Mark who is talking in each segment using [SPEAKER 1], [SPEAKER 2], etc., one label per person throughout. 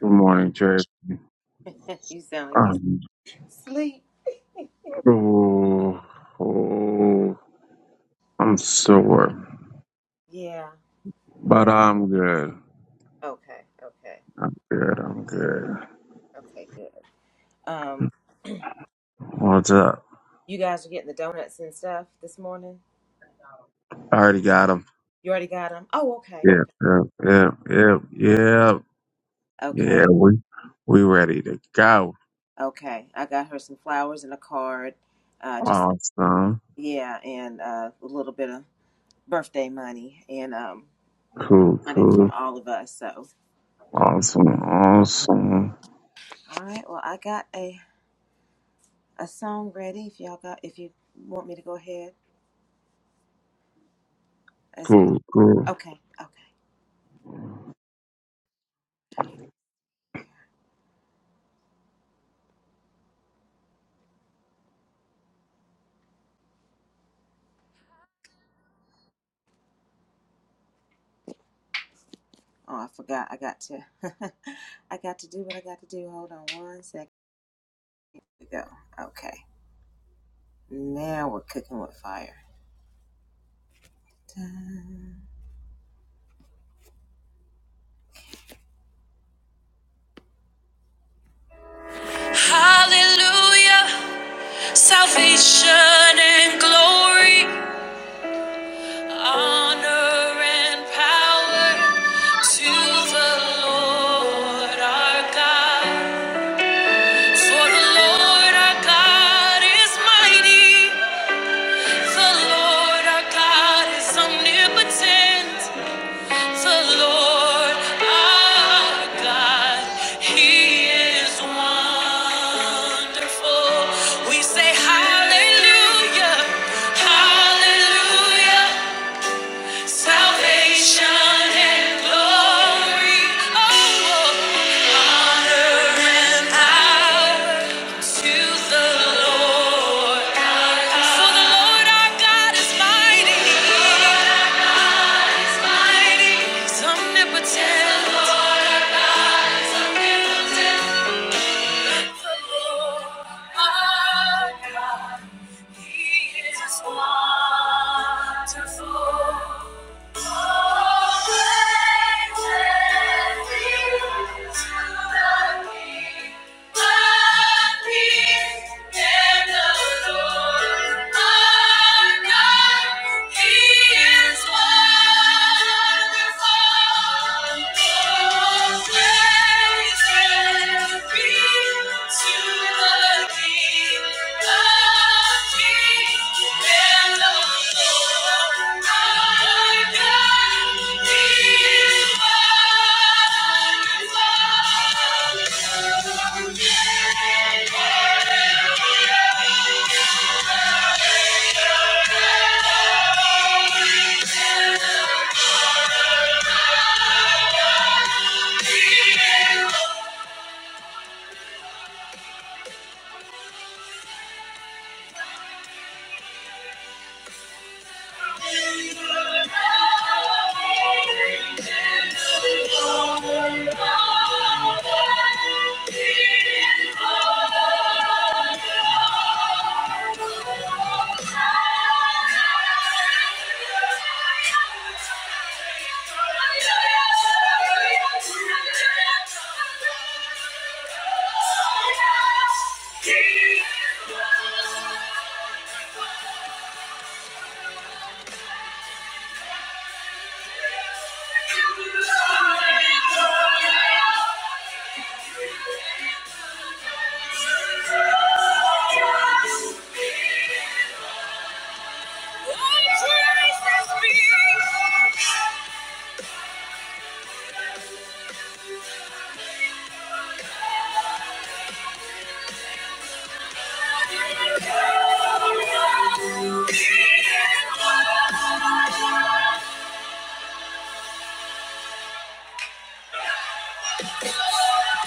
[SPEAKER 1] Good morning, Jay. Um, oh, oh, I'm sore, but I'm good. I'm good. I'm good. What's up? I already got him. Yeah, yeah, yeah, yeah, yeah. yeah, We we ready to go. Awesome. Cool, cool. Awesome, awesome. Cool, cool.
[SPEAKER 2] Hallelujah, salvation and glory, honor and power to the Lord our God. For the Lord our God is mighty, the Lord our God is omnipotent. The Lord our God, He is wonderful. We say hallelujah, hallelujah, salvation and glory, oh, and power to the Lord. For the Lord our God is mighty, He's omnipotent. Wonderful. Thank you. Yeah. Thank you.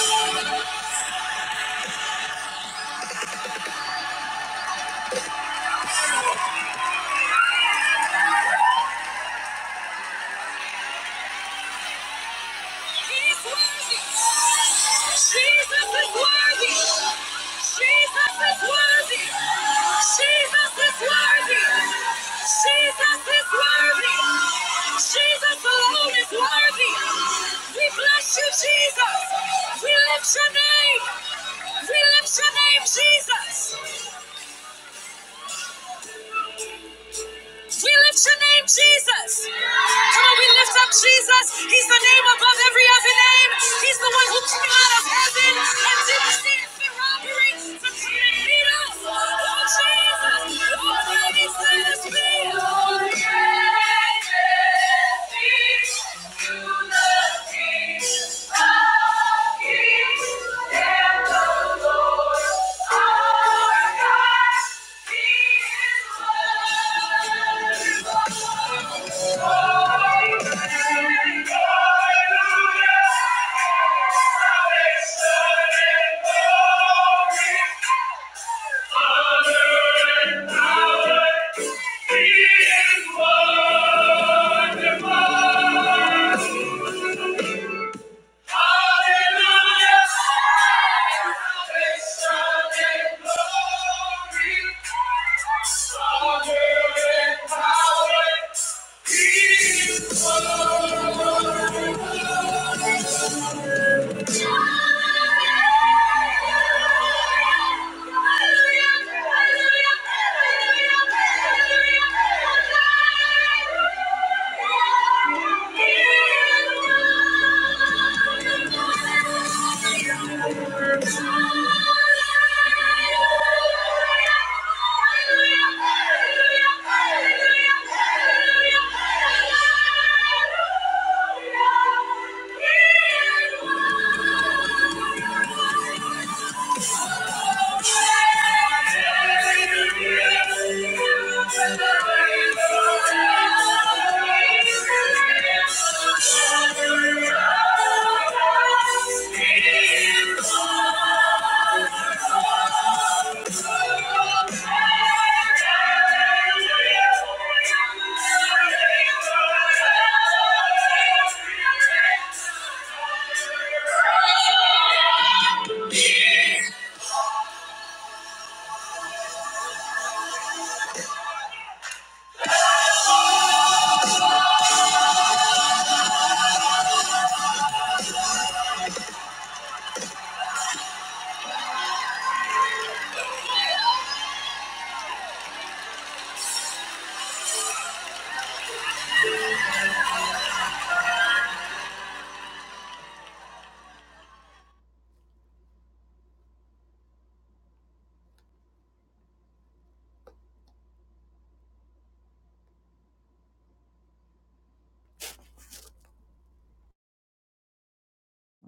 [SPEAKER 2] Thank you. He's worthy. Jesus is worthy. Jesus is worthy. Jesus is worthy. Jesus is worthy. Jesus alone is worthy. We bless you, Jesus. We lift your name. We lift your name, Jesus. We lift your name, Jesus. Come on, we lift up Jesus. He's the name above every other name. He's the one who came out of heaven and didn't see it fit robbery to create us. Oh, Jesus. Oh, please let us be. Oh, Jesus, you the King of kings and the Lord our God. He is Lord. Thank you. Hallelujah. Hallelujah. Hallelujah. Thank you.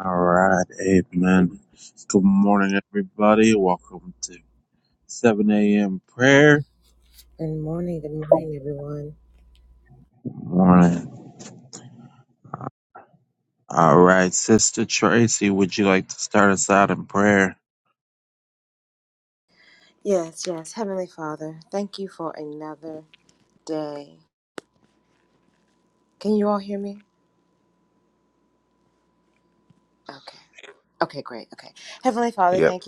[SPEAKER 1] All right, amen. Good morning, everybody. Welcome to 7 a.m. prayer. Morning. All right, Sister Tracy, would you like to start us out in prayer?
[SPEAKER 3] Yep.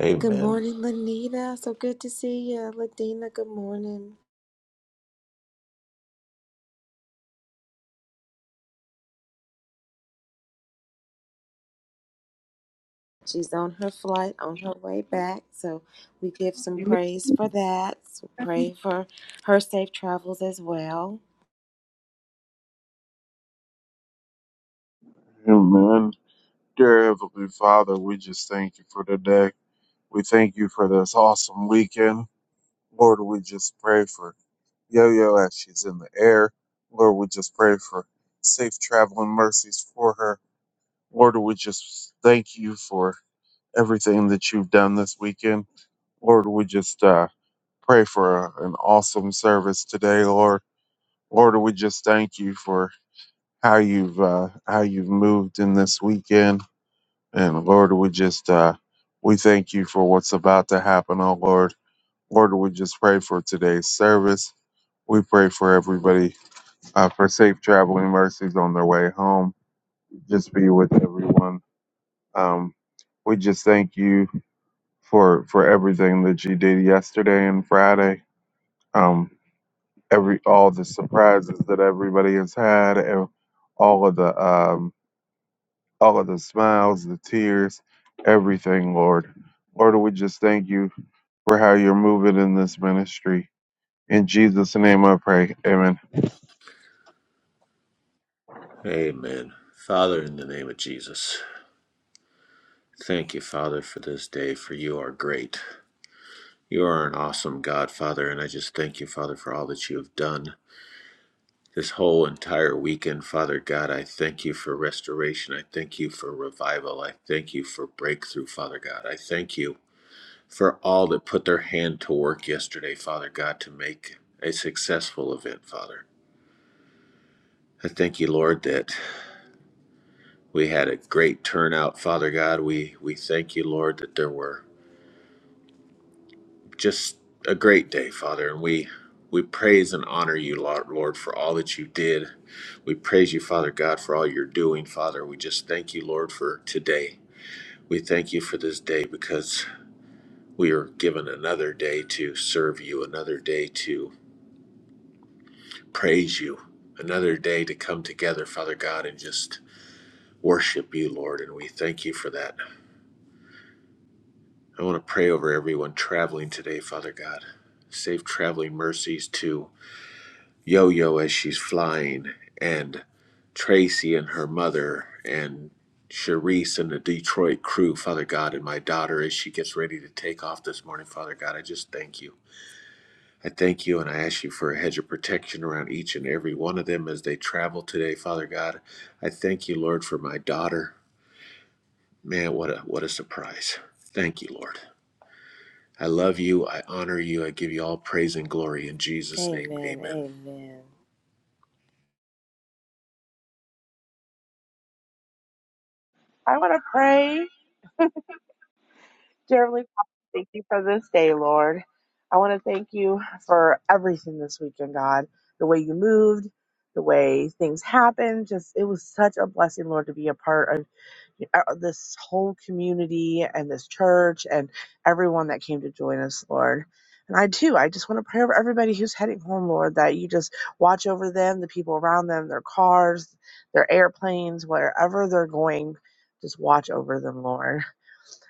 [SPEAKER 3] Amen.
[SPEAKER 1] Amen. Dear Heavenly Father, we just thank you for today. We thank you for this awesome weekend. Lord, we just pray for Yo Yo as she's in the air. Lord, we just pray for safe traveling mercies for her. Lord, we just thank you for everything that you've done this weekend. Lord, we just uh, pray for a, an awesome service today, Lord. Lord, we just thank you for how you've uh, how you've moved in this weekend. And Lord, we just uh, we thank you for what's about to happen. Oh Lord, Lord, we just pray for today's service. We pray for everybody uh, for safe traveling mercies on their way home. Just be with everyone. Um, we just thank you for for everything that you did yesterday and Friday. Um, every all the surprises that everybody has had, and all of the um, all of the smiles, the tears, everything, Lord. Lord, we just thank you for how you're moving in this ministry. In Jesus' name I pray. Amen.
[SPEAKER 3] Amen. Father, in the name of Jesus, thank you, Father, for this day, for you are great. You are an awesome God, Father, and I just thank you, Father, for all that you have done. This whole entire weekend, Father God, I thank you for restoration. I thank you for revival. I thank you for breakthrough, Father God. I thank you for all that put their hand to work yesterday, Father God, to make a successful event, Father. I thank you, Lord, that We had a great turnout, Father God. We we thank you, Lord, that there were just a great day, Father, and we we praise and honor you, Lord, Lord, for all that you did. We praise you, Father God, for all you're doing, Father. We just thank you, Lord, for today. We thank you for this day because we are given another day to serve you, another day to praise you, another day to come together, Father God, and just worship you, Lord. And we thank you for that. I want to pray over everyone traveling today, Father God. Safe traveling mercies to Yo Yo as she's flying, and Tracy and her mother, and Sharice and the Detroit crew, Father God, and my daughter as she gets ready to take off this morning, Father God. I just thank you. I thank you and I ask you for a hedge of protection around each and every one of them as they travel today, Father God. I thank you, Lord, for my daughter. Man, what a what a surprise. Thank you, Lord. I love you. I honor you. I give you all praise and glory in Jesus' name. Amen.
[SPEAKER 4] I want to pray, dear Heavenly Father, thank you for this day, Lord. I want to thank you for everything this weekend, God. The way you moved, the way things happened, just it was such a blessing, Lord, to be a part of uh, this whole community and this church and everyone that came to join us, Lord. And I too, I just want to pray over everybody who's heading home, Lord, that you just watch over them, the people around them, their cars, their airplanes, wherever they're going. Just watch over them, Lord.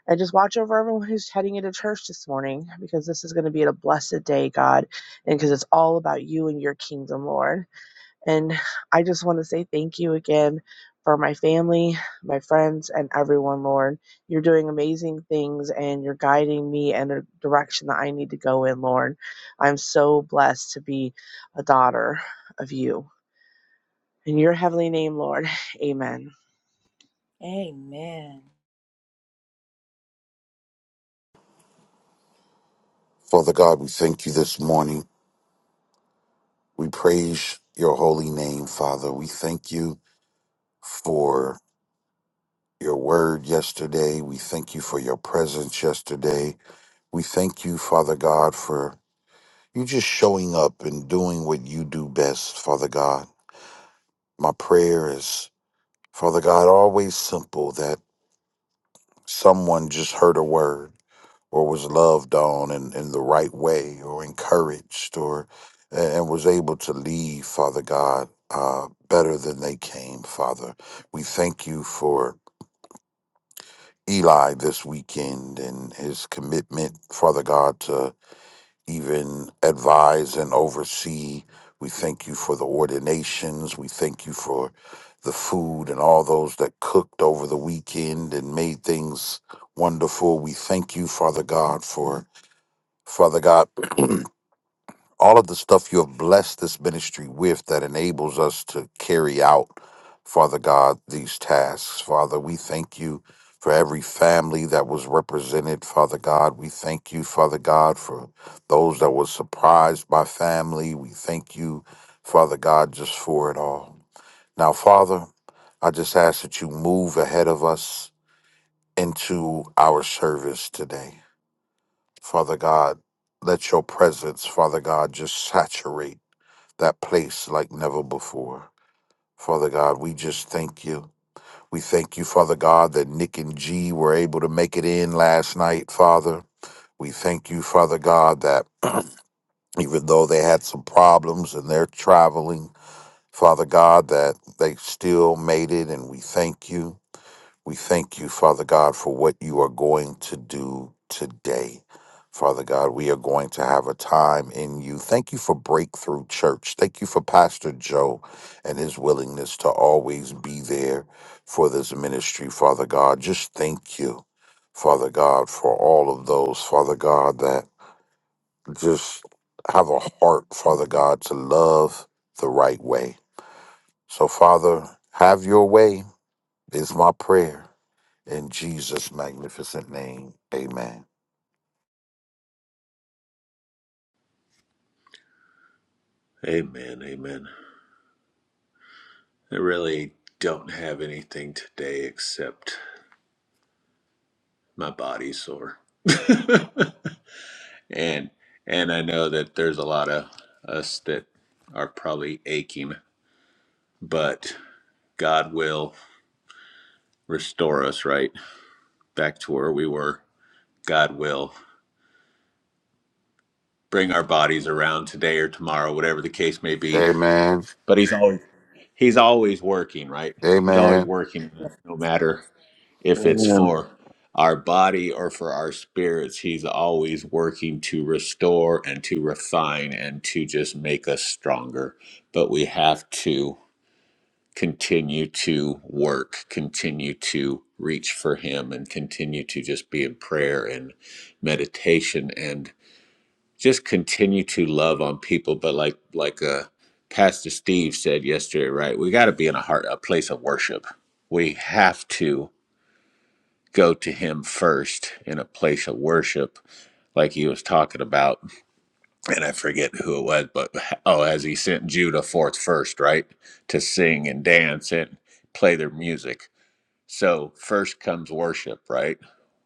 [SPEAKER 4] And just watch over everyone who's heading into church this morning because this is going to be a blessed day, God, and because it's all about you and your kingdom, Lord. And I just want to say thank you again for my family, my friends, and everyone, Lord. You're doing amazing things and you're guiding me in a direction that I need to go in, Lord. I'm so blessed to be a daughter of you. In your heavenly name, Lord, amen.
[SPEAKER 5] Father God, we thank you this morning. We praise your holy name, Father. We thank you for your word yesterday. We thank you for your presence yesterday. We thank you, Father God, for you just showing up and doing what you do best, Father God. My prayer is, Father God, always simple that someone just heard a word or was loved on in, in the right way or encouraged or and and was able to leave father god uh, better than they came father we thank you for eli this weekend and his commitment father god to even advise and oversee we thank you for the ordinations we thank you for the food and all those that cooked over the weekend and made things wonderful we thank you father god for Father God all of the stuff you have blessed this ministry with that enables us to carry out, Father God, these tasks. Father, we thank you for every family that was represented, Father God. We thank you, Father God, for those that were surprised by family. We thank you, Father God, just for it all. Now, Father, I just ask that you move ahead of us into our service today. Father God, let your presence, Father God, just saturate that place like never before. Father God, we just thank you. We thank you, Father God, that Nick and G were able to make it in last night, Father. We thank you, Father God, that even though they had some problems and they're traveling, Father God, that they still made it, and we thank you. We thank you, Father God, for what you are going to do today. Father God, we are going to have a time in you. Thank you for Breakthrough Church. Thank you for Pastor Joe and his willingness to always be there for this ministry, Father God. Just thank you, Father God, for all of those, Father God, that just have a heart, Father God, to love the right way. So, Father, have your way is my prayer. In Jesus' magnificent name, amen.
[SPEAKER 3] Amen. Amen. I really don't have anything today except my body sore. and and I know that there's a lot of us that are probably aching, but God will restore us right back to where we were. God will bring our bodies around today or tomorrow, whatever the case may be
[SPEAKER 5] Amen.
[SPEAKER 3] but he's always he's always working, right? He's always
[SPEAKER 5] Amen.
[SPEAKER 3] working, no matter if it's
[SPEAKER 1] Amen.
[SPEAKER 3] for our body or for our spirits. He's always working to restore and to refine and to just make us stronger. But we have to continue to work, continue to reach for Him, and continue to just be in prayer and meditation. and just continue to love on people but like like uh pastor steve said yesterday right we got to be in a heart a place of worship we have to go to him first in a place of worship like he was talking about and i forget who it was but oh as he sent judah forth first right to sing and dance and play their music so first comes worship right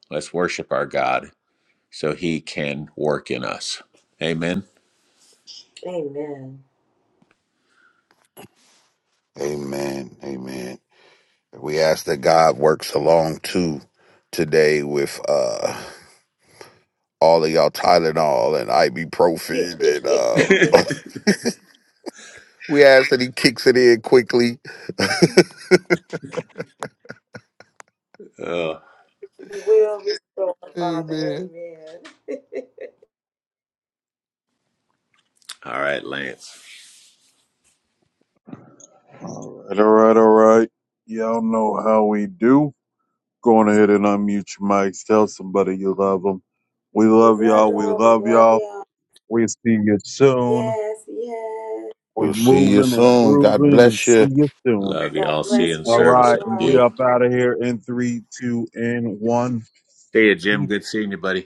[SPEAKER 3] let's worship our god so he can work in us amen
[SPEAKER 5] Amen. Amen. We ask that God works along too today with uh all of y'all Tylenol and ibuprofen and uh we ask that he kicks it in quickly.
[SPEAKER 3] Uh,
[SPEAKER 5] Amen.
[SPEAKER 3] All right, Lance.
[SPEAKER 1] All right, all right, all right. Y'all know how we do. Go on ahead and unmute your mics. Tell somebody you love them. We love y'all. We love y'all. We see you soon. We
[SPEAKER 5] We'll see you
[SPEAKER 1] moving and
[SPEAKER 5] soon. God
[SPEAKER 1] grooving and
[SPEAKER 5] bless you.
[SPEAKER 1] see you soon.
[SPEAKER 3] Love you. I'll see you in
[SPEAKER 1] All
[SPEAKER 3] service
[SPEAKER 1] right,
[SPEAKER 3] in a
[SPEAKER 1] and we
[SPEAKER 3] few.
[SPEAKER 1] up out of here in three, two, and one.
[SPEAKER 3] See you,
[SPEAKER 1] Peace.
[SPEAKER 3] Jim. Good seeing you, buddy.